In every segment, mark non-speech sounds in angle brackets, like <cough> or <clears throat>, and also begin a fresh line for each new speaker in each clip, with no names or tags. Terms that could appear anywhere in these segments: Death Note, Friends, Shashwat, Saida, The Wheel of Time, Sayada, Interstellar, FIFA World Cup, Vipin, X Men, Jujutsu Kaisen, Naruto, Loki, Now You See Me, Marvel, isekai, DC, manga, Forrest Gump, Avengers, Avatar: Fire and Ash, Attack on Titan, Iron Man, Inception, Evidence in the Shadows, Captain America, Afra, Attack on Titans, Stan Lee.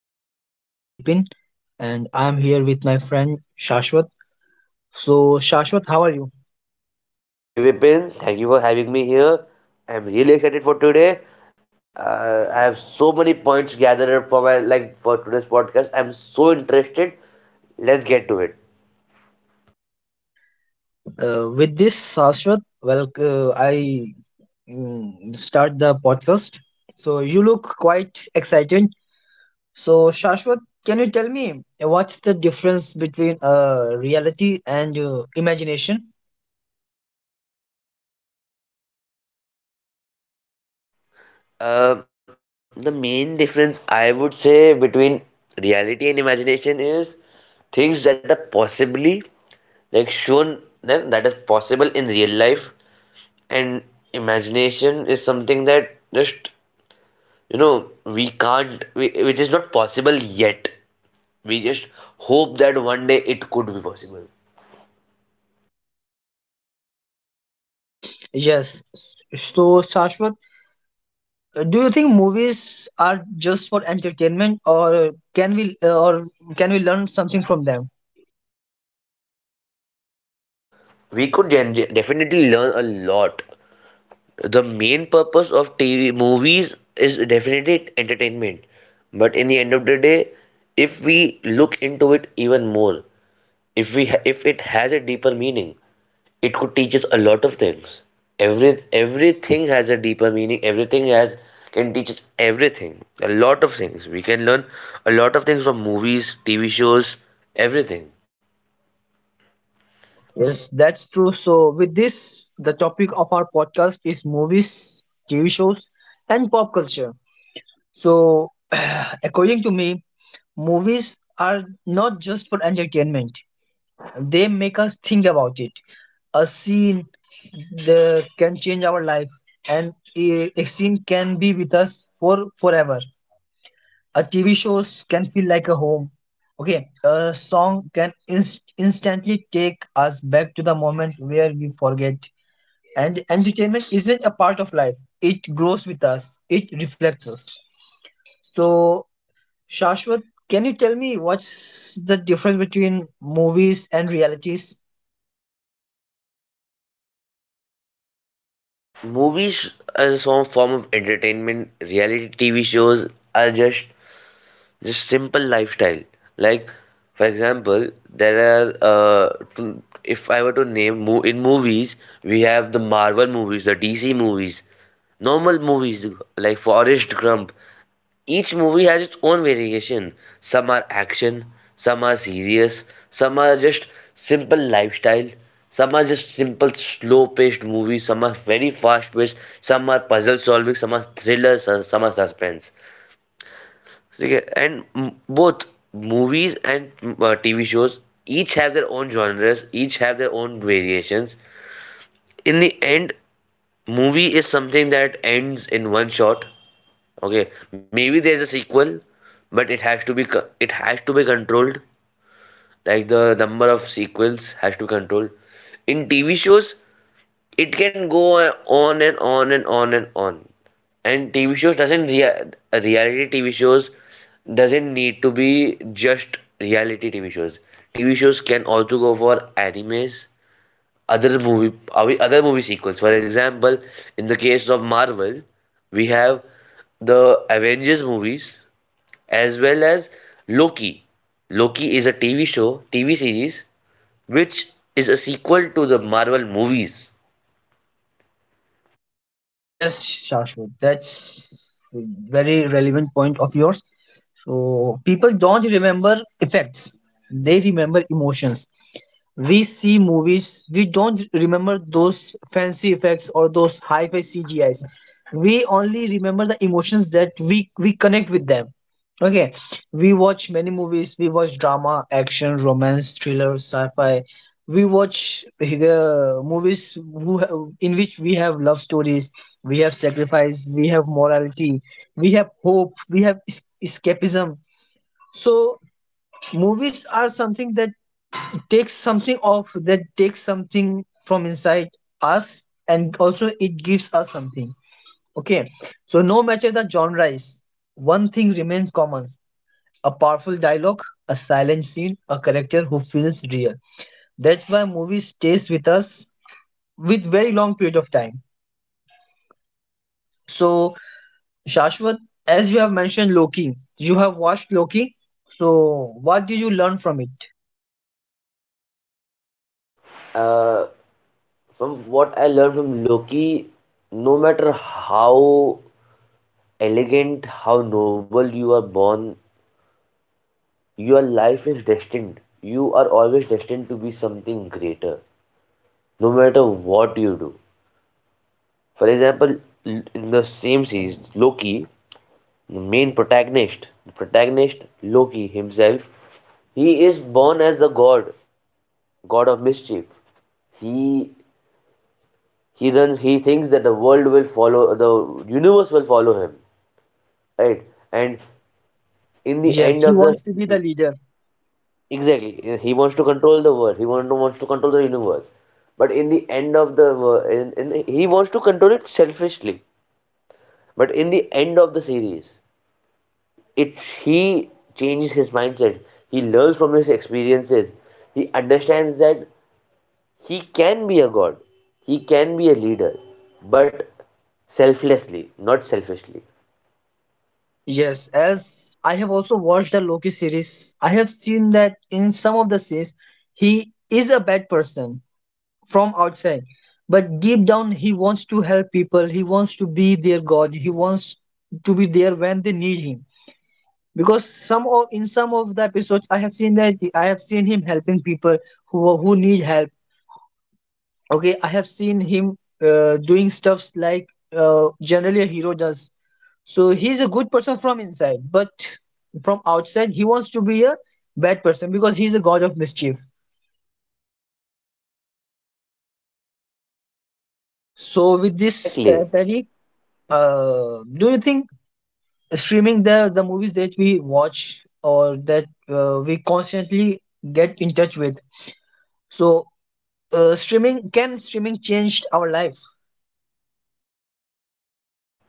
am your host, Bipin, and I am here with my friend Shashwat. So, Shashwat, how are you?
Hey Vipin, thank you for having me here. I'm really excited for today. I have so many points gathered up for my like for today's podcast. I'm so interested. Let's get to it.
With this, Shashwat, well, I start the podcast. So, you look quite excited. So, Shashwat, can you tell me what's the difference between reality and imagination?
The main difference I would say between reality and imagination is things that are possibly like shown then that is possible in real life, and imagination is something that just we can't, it is not possible yet. We just hope that one day it could be possible.
Yes. So, Shashwat, do you think movies are just for entertainment, or can we learn something from them?
We could definitely learn a lot. The main purpose of TV movies is definitely entertainment, but in the end of the day, if we look into it even more, if we ha- if it has a deeper meaning, it could teach us a lot of things. Everything has a deeper meaning, everything has, can teach us everything, a lot of things we can learn, a lot of things from movies, TV shows, everything.
Yes, that's true. So with this, the topic of our podcast is movies, TV shows, and pop culture. So <clears throat> according to me, movies are not just for entertainment. They make us think about it. A scene can change our life, and a scene can be with us for forever. A TV shows can feel like a home. Okay, a song can instantly take us back to the moment where we forget. And entertainment isn't a part of life; it grows with us. It reflects us. So, Shashwat, can you tell me what's the difference between movies and realities?
Movies as a some form of entertainment, reality TV shows are just simple lifestyle. Like, for example, there are, if I were to name mo- in movies, we have the Marvel movies, the DC movies, normal movies like Forrest Gump. Each movie has its own variation. Some are action, some are serious, some are just simple lifestyle, some are just simple slow paced movies, some are very fast paced, some are puzzle solving, some are thrillers, and some are suspense. Okay, and both movies and TV shows, each have their own genres, each have their own variations. In the end, movie is something that ends in one shot. Okay, maybe there's a sequel, but it has to be controlled. Like, the number of sequels has to be controlled. In TV shows, it can go on and on and on and on. And TV shows doesn't reality TV shows doesn't need to be just reality TV shows. TV shows can also go for animes, other movie sequels. For example, in the case of Marvel, we have the Avengers movies as well as Loki. Loki is a TV show, TV series, which is a sequel to the Marvel movies.
Yes, Shashwat, that's a very relevant point of yours. So people don't remember effects; they remember emotions. We see movies, we don't remember those fancy effects or those high-fi CGIs. We only remember the emotions that we connect with them. Okay, we watch many movies. We watch drama, action, romance, thriller, sci-fi. We watch the movies in which we have love stories, we have sacrifice, we have morality, we have hope, we have escapism. So movies are something that takes something off that takes something from inside us, and also it gives us something. Okay, so no matter the genre is, one thing remains common: a powerful dialogue, a silent scene, a character who feels real. That's why movie stays with us with very long period of time. So, Shashwat, as you have mentioned Loki, you have watched Loki. So what did you learn from it?
Uh, from what I learned from Loki, no matter how elegant, how noble you are born, your life is destined. You are always destined to be something greater, no matter what you do. For example, in the same series, Loki, the main protagonist, the protagonist Loki himself, he is born as the god, god of mischief. He he runs. He thinks that the world will follow, the universe will follow him, right? And in the
Yes,
end
he
of the.
wants to be the leader.
Exactly, he wants to control the world. He wants to control the universe. But in the end of the he wants to control it selfishly. But in the end of the series, it he changes his mindset. He learns from his experiences. He understands that he can be a god, he can be a leader, but selflessly, not selfishly.
Yes, as I have also watched the Loki series, I have seen that in some of the scenes, he is a bad person from outside, but deep down, he wants to help people, he wants to be their god, he wants to be there when they need him. Because some of in some of the episodes, I have seen that I have seen him helping people who need help. Okay, I have seen him doing stuffs like generally a hero does. So he's a good person from inside, but from outside he wants to be a bad person because he's a god of mischief. So with this,
Exactly.
Patty, do you think streaming the movies that we watch or that we constantly get in touch with? So streaming can streaming changed our life?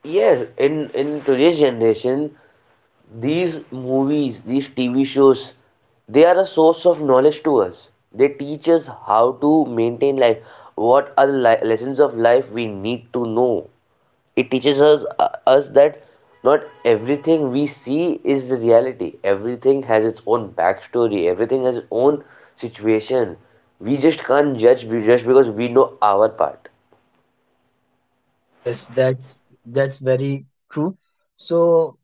Yes, in today's generation, these movies, these TV shows, they are a source of knowledge to us. They teach us how to maintain life, what are the lessons of life we need to know. It teaches us that not everything we see is the reality. Everything has its own backstory, everything has its own situation. We just can't judge, just because we know our part.
Yes, that's very true. So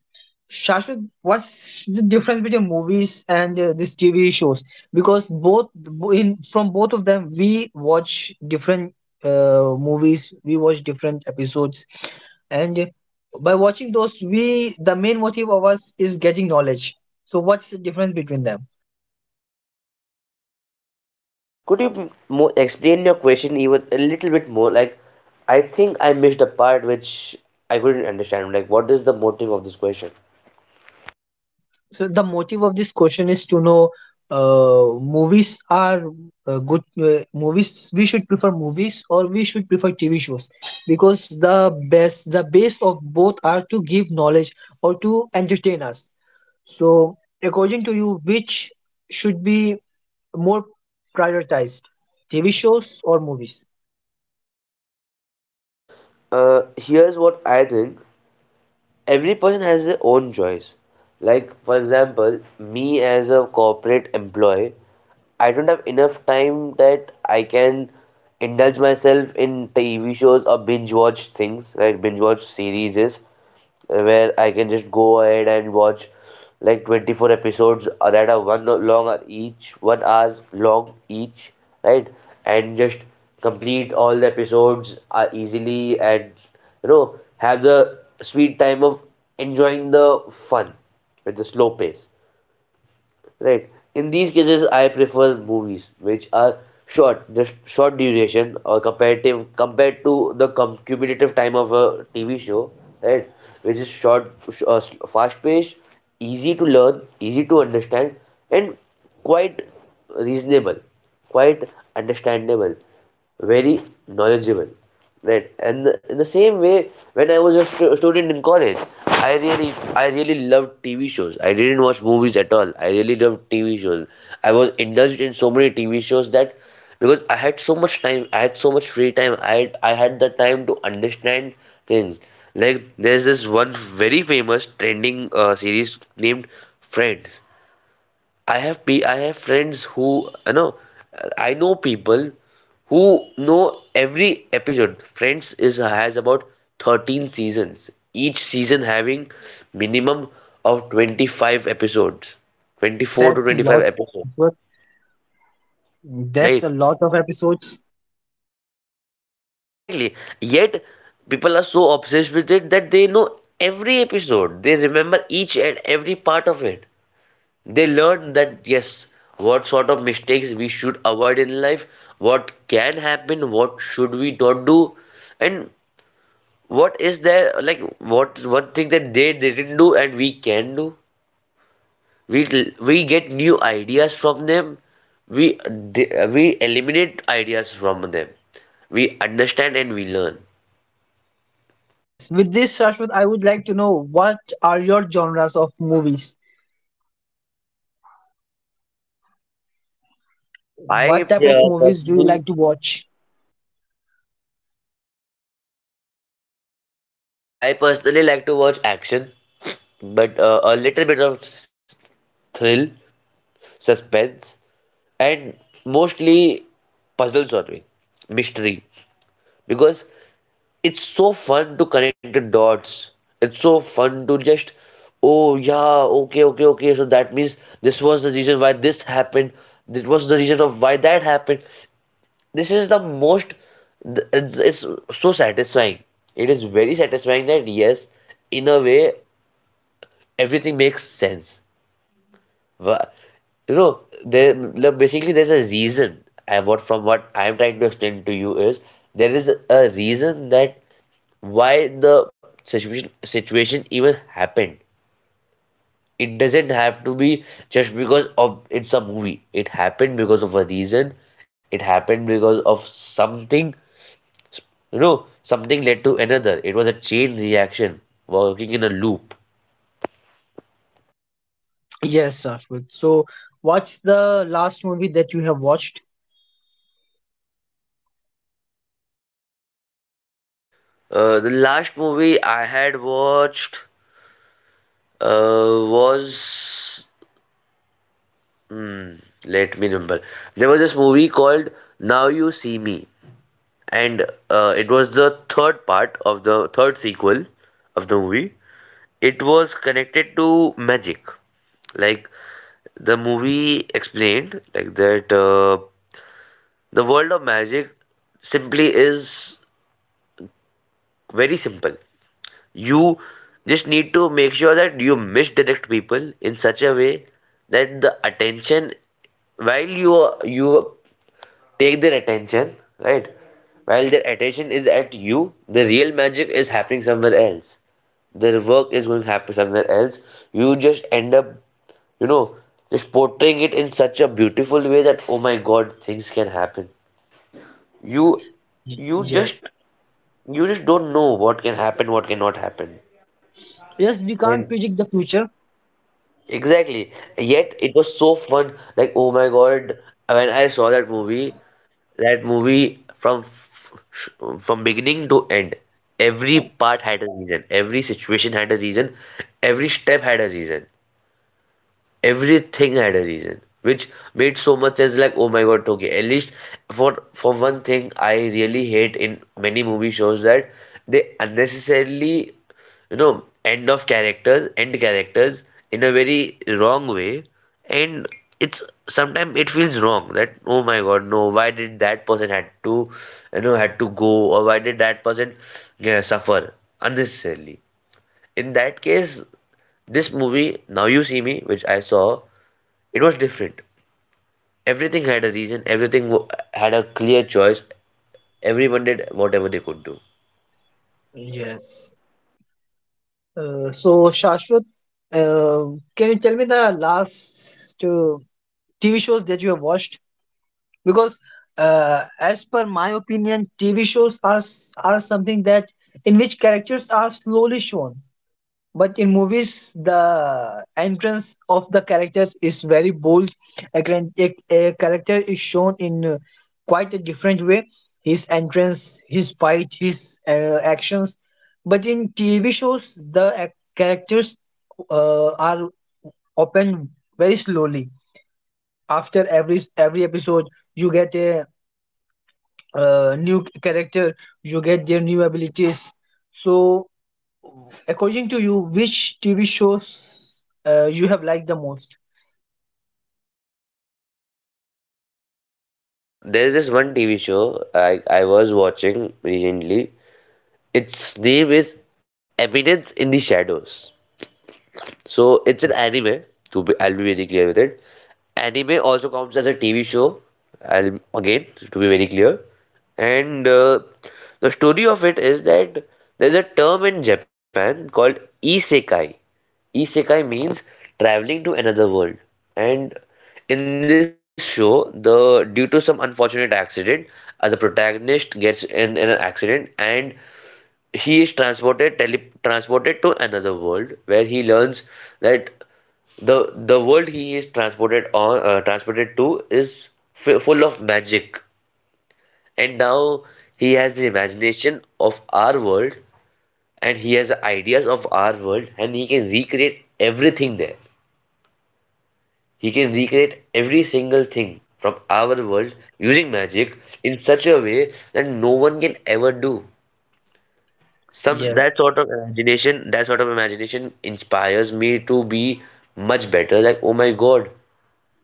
Shashwat, what's the difference between movies and these TV shows? Because in from both of them, we watch different movies, we watch different episodes, and by watching those, we the main motive of us is getting knowledge. So, what's the difference between them?
Could you more explain your question even a little bit more? Like, I think I missed a part which I couldn't understand, like, what is the motive of this question?
So the motive of this question is to know movies are good movies. We should prefer movies, or we should prefer TV shows, because the best the base of both are to give knowledge or to entertain us. So according to you, which should be more prioritized, TV shows or movies?
uh, Here's what I think. Every person has their own choice. Like, for example, me as a corporate employee, I don't have enough time that I can indulge myself in TV shows or binge watch things, right? Binge watch series, where I can just go ahead and watch like 24 episodes, or rather one long, each 1 hour long each, right? And just complete all the episodes easily, and you know, have the sweet time of enjoying the fun with the slow pace, right? In these cases, I prefer movies which are short, just short duration, or comparative, compared to the cumulative time of a TV show, right? Which is short, fast paced, easy to learn, easy to understand, and quite reasonable, quite understandable, very knowledgeable, right? And in the same way, when I was a student in college, I really, I really loved TV shows. I didn't watch movies at all. I really loved TV shows. I was indulged in so many TV shows that, because I had so much time, I had, so much free time, I had the time to understand things. Like, there's this one very famous trending series named Friends. I have friends who, you know, I know people who know every episode. Friends is, has about 13 seasons, each season having minimum of 25 episodes, 24 to
That's a
25
lot.
episodes,
But that's
right?
a lot of episodes.
Exactly. Yet people are so obsessed with it that they know every episode. They remember each and every part of it. They learn that, yes, what sort of mistakes we should avoid in life, what can happen, what should we not do, and what is there, like, what one thing that they didn't do and we can do. we we get new ideas from them. we we eliminate ideas from them. We understand and we learn.
Yes. With this, Shashwat, I would like to know, what are your genres of movies?
i
What type of
uh,
movies do you
personally
like to watch?
i personally like to watch action, but a little bit of thrill, suspense, and mostly puzzle solving, mystery, because it's so fun to connect the dots. It's so fun to just, oh yeah, okay, okay, okay. So that means this was the reason why this happened. That was the reason of why that happened. This is the most. It's so satisfying. It is very satisfying that, yes, in a way, everything makes sense. Wha- You know, there, like, basically there's a reason. I what From what I'm trying to explain to you is there is a reason that why the situation even happened. It doesn't have to be just because of it's a movie. It happened because of a reason. It happened because of something. You know, something led to another. It was a chain reaction, working in a loop.
Yes, Shashwat. So, what's the last movie that you have watched?
The last movie I had watched was Hmm, Let me remember. There was this movie called Now You See Me, and it was the third part of the third sequel of the movie. It was connected to magic. Like, the movie explained, like, that the world of magic simply is very simple. You just need to make sure that you misdirect people in such a way that the attention, while you, you take their attention, right? While their attention is at you, the real magic is happening somewhere else. Their work is going to happen somewhere else. You just end up, you know, just portraying it in such a beautiful way that, oh my god, things can happen. You, you just,
Yes.
you just don't know what can happen, what cannot happen.
Yes, we can't
And
predict the future.
exactly. Yet it was so fun. Like, oh my God, when I saw that movie from from beginning to end, every part had a reason, every situation had a reason, every step had a reason, everything had a reason, which made so much sense. Like, oh my god, okay, at least for one thing, I really hate in many movie shows that they unnecessarily, end characters in a very wrong way. And it's, sometimes it feels wrong that, oh my god, no, why did that person had to go, or why did that person, yeah, suffer unnecessarily. In that case, this movie, Now You See Me, which I saw, it was different. Everything had a reason, everything had a clear choice, everyone did whatever they could do.
Yes. So, Shashwat, uh, can you tell me the last TV shows that you have watched? Because, as per my opinion, TV shows are are something that in which characters are slowly shown, but in movies the entrance of the characters is very bold. A character is shown in quite a different way: his entrance, his fight, his actions. But in TV shows the characters are opened very slowly. After every episode you get a new character, you get their new abilities. So, according to you, which TV shows you have liked the most?
There's this one TV show I was watching recently. Its name is Evidence in the Shadows. So it's an anime. To be, I'll be very clear with it. Anime also counts as a TV show. I'll again, to be very clear. And the story of it is that there's a term in Japan called isekai. Isekai means traveling to another world. And in this show, the due to some unfortunate accident, the protagonist gets in an accident, and he is transported, tele transported to another world, where he learns that the world he is transported on, transported to, is f full of magic, and now he has the imagination of our world, and he has ideas of our world, and he can recreate everything there. He can recreate every single thing from our world using magic in such a way that no one can ever do. Some
Yes.
That sort of imagination, that sort of imagination inspires me to be much better. Like, oh my God.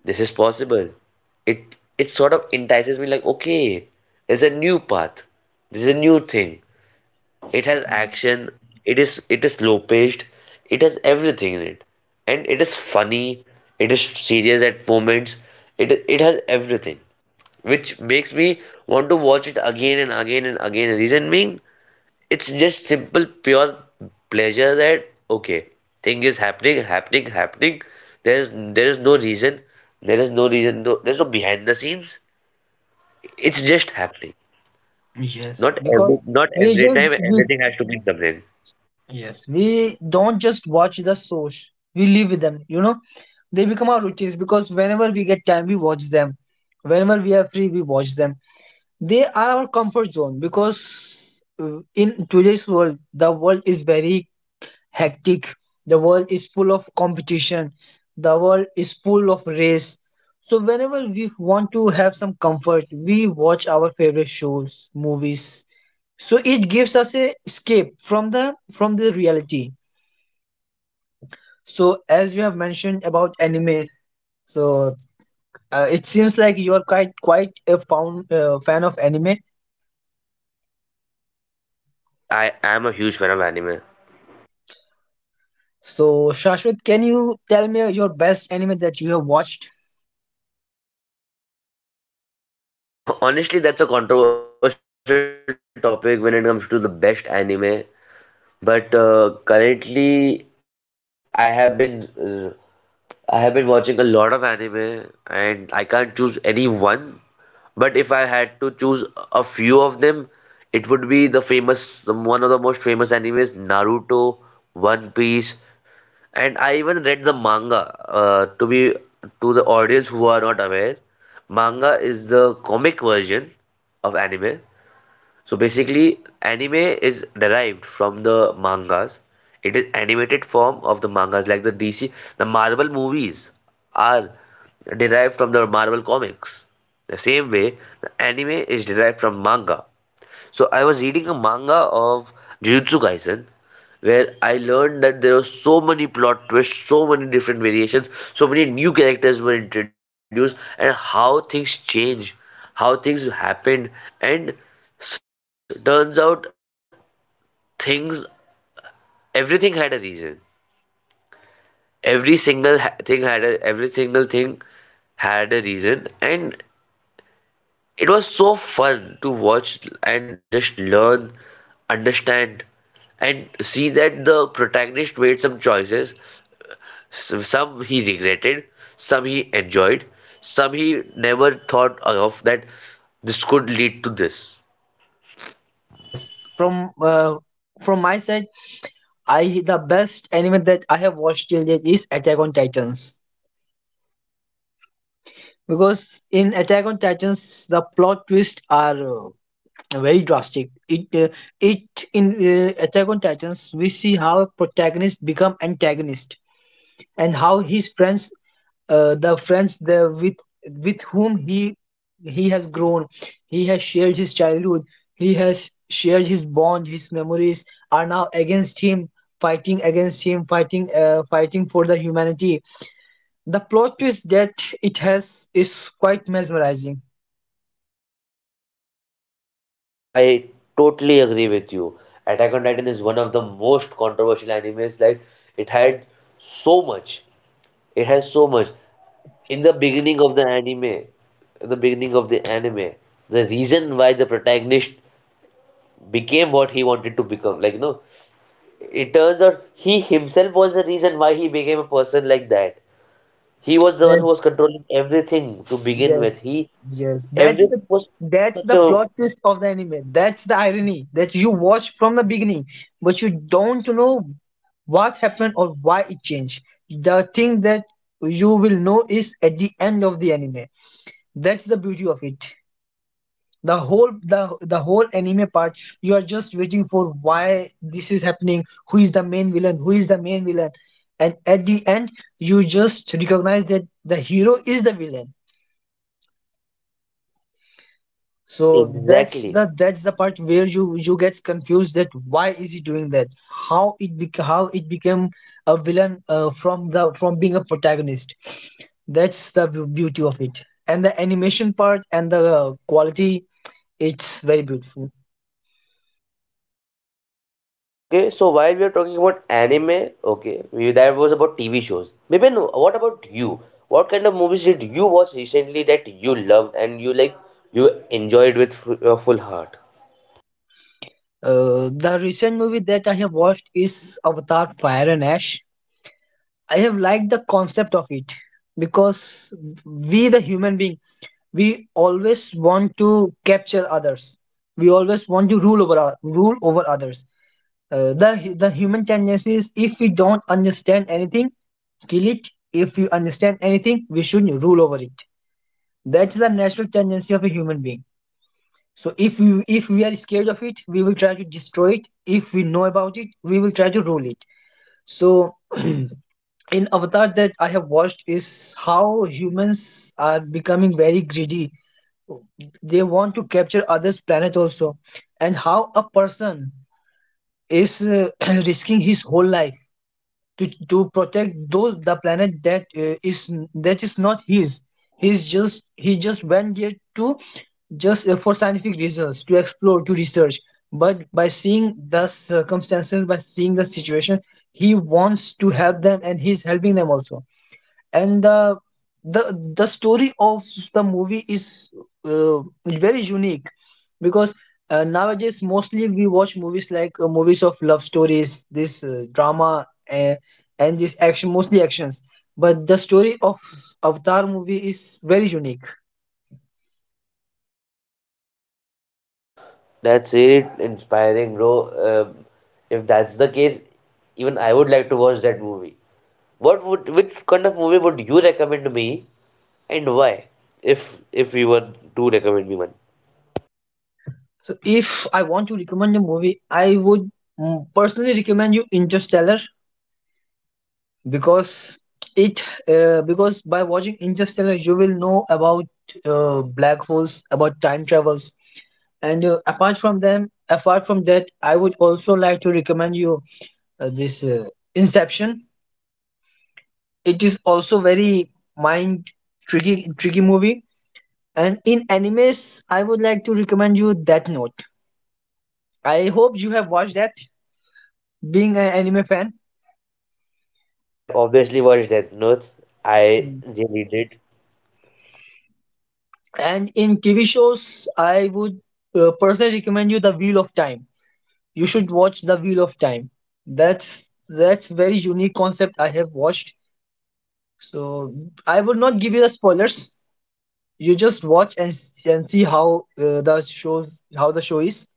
This is possible. It sort of entices me like, okay, there's a new path. There's a new thing. It has
Mm.
action. It is slow paced. It has everything in it. And it is funny. It is serious at moments. It has everything. Which makes me want to watch it again and again and again. Reason being, it's just simple pure pleasure that okay thing is happening happening. there's there is no reason there is no reason, no, there's no behind the scenes, it's just happening.
Yes, because
Not
we
every
just
time
we,
everything has to be something.
yes, we don't just watch the shows. We live with them. You know, they become our routines because whenever we get time, we watch them. Whenever we are free, we watch them. They are our comfort zone because in today's world, the world is very hectic. The world is full of competition. The world is full of race. So whenever we want to have some comfort, we watch our favorite shows, movies. So it gives us a escape from the reality. So as you have mentioned about anime, so it seems like you are quite a fan fan of anime.
Yes, I am a huge fan of anime.
So Shashwat, can you tell me your best anime that you have watched?
<laughs> Honestly, that's a controversial topic when it comes to the best anime, but currently i have been uh, I have been watching a lot of anime and I can't choose any one, but if I had to choose a few of them, it would be the famous, one of the most famous animes, Naruto, One Piece, and I even read the manga. To be, to the audience who are not aware, manga is the comic version of anime, so basically, anime is derived from the mangas. It is animated form of the mangas, like the DC, the Marvel movies are derived from the Marvel comics. The same way, the anime is derived from manga. So I was reading a manga of Jujutsu Kaisen where I learned that there were so many plot twists, so many different variations, so many new characters were introduced, and how things change, how things happened, and turns out things, everything had a reason. Every single thing had a reason, and it was so fun to watch and just learn, understand, and see that the protagonist made some choices. Some he regretted, some he enjoyed, some he never thought of that this could lead to this.
Yes, from my side, I the best anime that I have watched till date is Attack on Titans, because in Attack on Titans the plot twists are very drastic. It it in Attack on Titans we see how protagonist become antagonist, and how his friends, the friends the with whom he has grown, he has shared his childhood, he has shared his bond, his memories, are now against him, fighting against him, fighting fighting for the humanity. The plot twist that it has is quite mesmerizing.
I totally agree with you. Attack on Titan is one of the most controversial animes. Like, it had so much. It has so much. in the beginning of the anime in the beginning of the anime, the reason why the protagonist became what he wanted to become, like you know it turns out he himself was the reason why he became a person like that. He was the one who was controlling everything to begin
Yes,
with. He
yes. That's the
everything was such a
plot twist of the anime. That's the irony that you watch from the beginning, but you don't know what happened or why it changed. The thing that you will know is at the end of the anime. That's the beauty of it. The whole anime part, you are just waiting for why this is happening, who is the main villain, who is the main villain. And at the end, you just recognize that the hero is the villain. So that's
Exactly.
the part where you gets confused that why is he doing that? How it bec how it became a villain from the from being a protagonist. That's the beauty of it. And the animation part and the quality, it's very beautiful.
Okay, so while we are talking about anime, okay, that was about TV shows. Maybe no. What about you? What kind of movies did you watch recently that you loved and you like you enjoyed with your full heart?
The recent movie that I have watched is Avatar: Fire and Ash. I have liked the concept of it because we, the human being, we always want to capture others. We always want to rule over others. The the human tendency is if we don't understand anything, kill it. If you understand anything, we should rule over it. That's the natural tendency of a human being. So if we are scared of it, we will try to destroy it. If we know about it, we will try to rule it. So <clears throat> in Avatar that I have watched is how humans are becoming very greedy. They want to capture others' planet also, and how a person is <clears throat> risking his whole life to protect those the planet that is that is not his. He's just he just went there to just for scientific reasons to explore, to research. But by seeing the circumstances, by seeing the situation, he wants to help them, and he's helping them also, and the the story of the movie is uh, very unique, because nowadays mostly we watch movies like movies of love stories, this drama, and this action, mostly actions, but the story of Avatar movie is very unique.
That's really inspiring, bro. Um if that's the case, even I would like to watch that movie. What would Which kind of movie would you recommend me and why? If you were to recommend me one.
So if I want to recommend a movie, I would personally recommend you Interstellar, because it because by watching Interstellar you will know about black holes, about time travels, and apart from that, I would also like to recommend you this Inception. It is also very mind tricky movie. And in animes, I would like to recommend you Death Note. I hope you have watched that. Being an anime fan.
I have obviously watched Death Note. I really did.
And in TV shows, I would personally recommend you The Wheel of Time. You should watch The Wheel of Time. That's very unique concept I have watched. So I would not give you the spoilers. You just watch and see how the shows how the show is.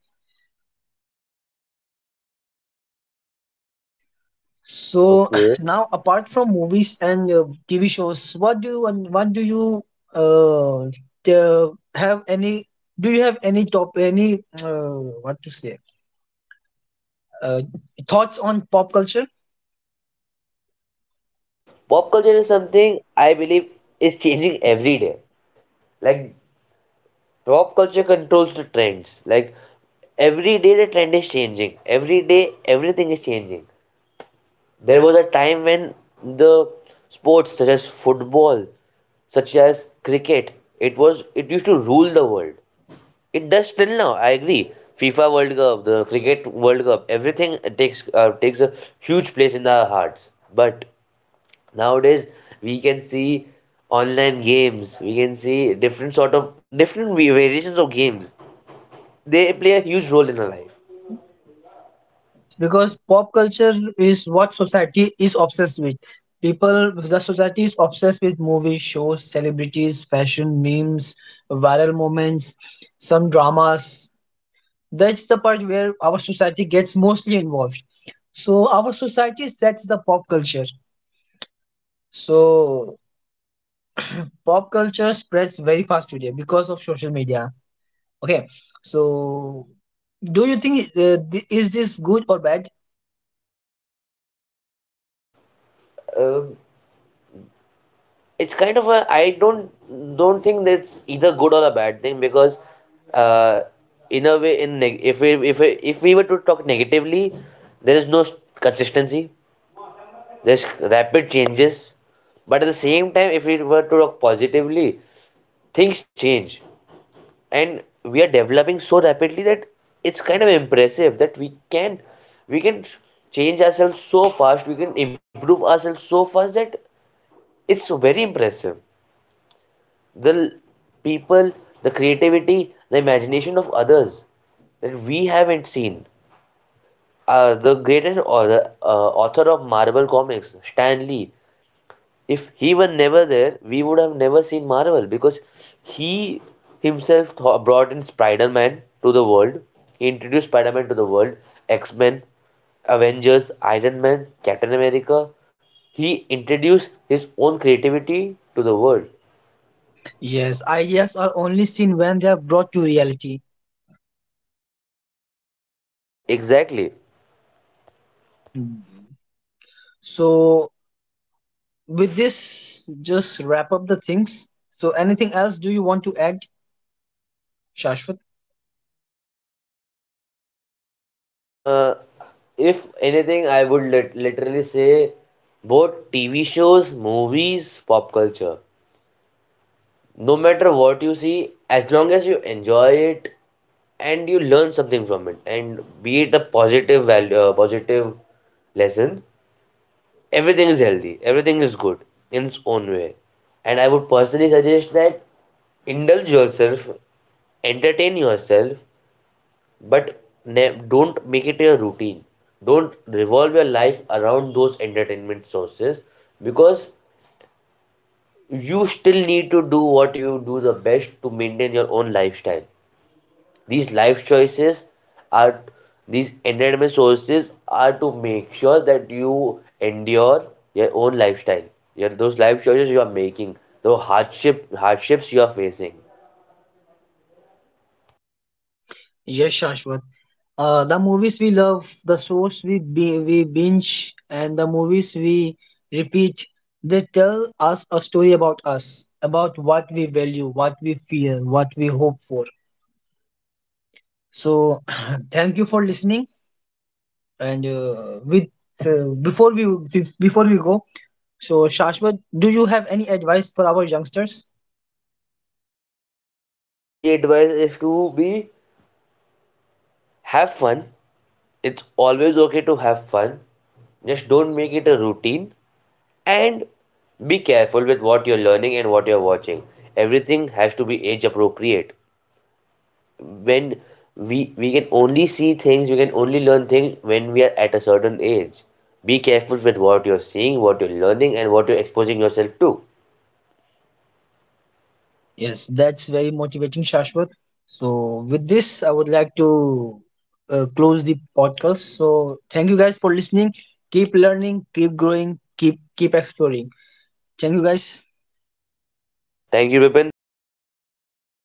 So
Okay.
<clears throat> now, apart from movies and TV shows, what do you and what do you uh, the- have any? Do you have any top any what to say? Uh, thoughts on pop culture?
Pop culture is something I believe is changing every day. Like pop culture controls the trends. Like every day the trend is changing. Every day everything is changing. There was a time when the sports such as football, such as cricket, it used to rule the world. It does still now. I agree. FIFA World Cup, the cricket World Cup, everything takes takes a huge place in our hearts. But nowadays we can see online games, we can see different sort of different variations of games, they play a huge role in our life.
Yes, because pop culture is what society is obsessed with. People, the society is obsessed with movies, shows, celebrities, fashion, memes, viral moments, some dramas. That's the part where our society gets mostly involved. So our society sets the pop culture. So pop culture spreads very fast today because of social media. Okay, so do you think is this good or bad?
um, it's kind of a, I don't think that's either good or a bad thing, because uh, in a way, in if if we were to talk negatively, there is no consistency, there's rapid changes, but at the same time if we were to talk positively, things change and we are developing so rapidly that it's kind of impressive that we can change ourselves so fast, we can improve ourselves so fast, that it's very impressive. The people, the creativity, the imagination of others that we haven't seen. The greatest author, author of Marvel comics, Stan Lee, if he were never there, we would have never seen Marvel, because he himself brought in Spider Man to the world. He introduced Spider Man to the world, X Men, Avengers, Iron Man, Captain America. He introduced his own creativity to the world.
Yes, ideas are only seen when they are brought to reality.
Exactly.
So, with this, just wrap up the things. So, anything else do you want to add, Shashwat?
Uh, if anything, I would literally say both TV shows, movies, pop culture. No matter what you see, as long as you enjoy it, and you learn something from it, and be it a positive value, positive lesson, everything is healthy, everything is good in its own way. And I would personally suggest that indulge yourself, entertain yourself, but don't make it your routine. Don't revolve your life around those entertainment sources, because you still need to do what you do the best to maintain your own lifestyle. These life choices are, these entertainment sources are to make sure that you endure your own lifestyle. Your those life choices you are making, the hardships you are facing.
Yes, Shashwat. The movies we love, the shows we binge, and the movies we repeat, they tell us a story about us, about what we value, what we fear, what we hope for. So, <clears throat> thank you for listening. And with before we go, so Shashwat, do you have any advice for our youngsters?
Only advice is to be, have fun. It's always okay to have fun. Just don't make it a routine, and be careful with what you're learning and what you're watching. Everything has to be age appropriate. When we can only see things, we can only learn things when we are at a certain age. Be careful with what you're seeing, what you're learning, and what you're exposing yourself to.
Yes, that's very motivating, Shashwat. So with this, I would like to close the podcast. So thank you guys for listening. Keep learning, keep growing, keep exploring. Thank you guys.
Thank you, Bipin. Thank you for having me.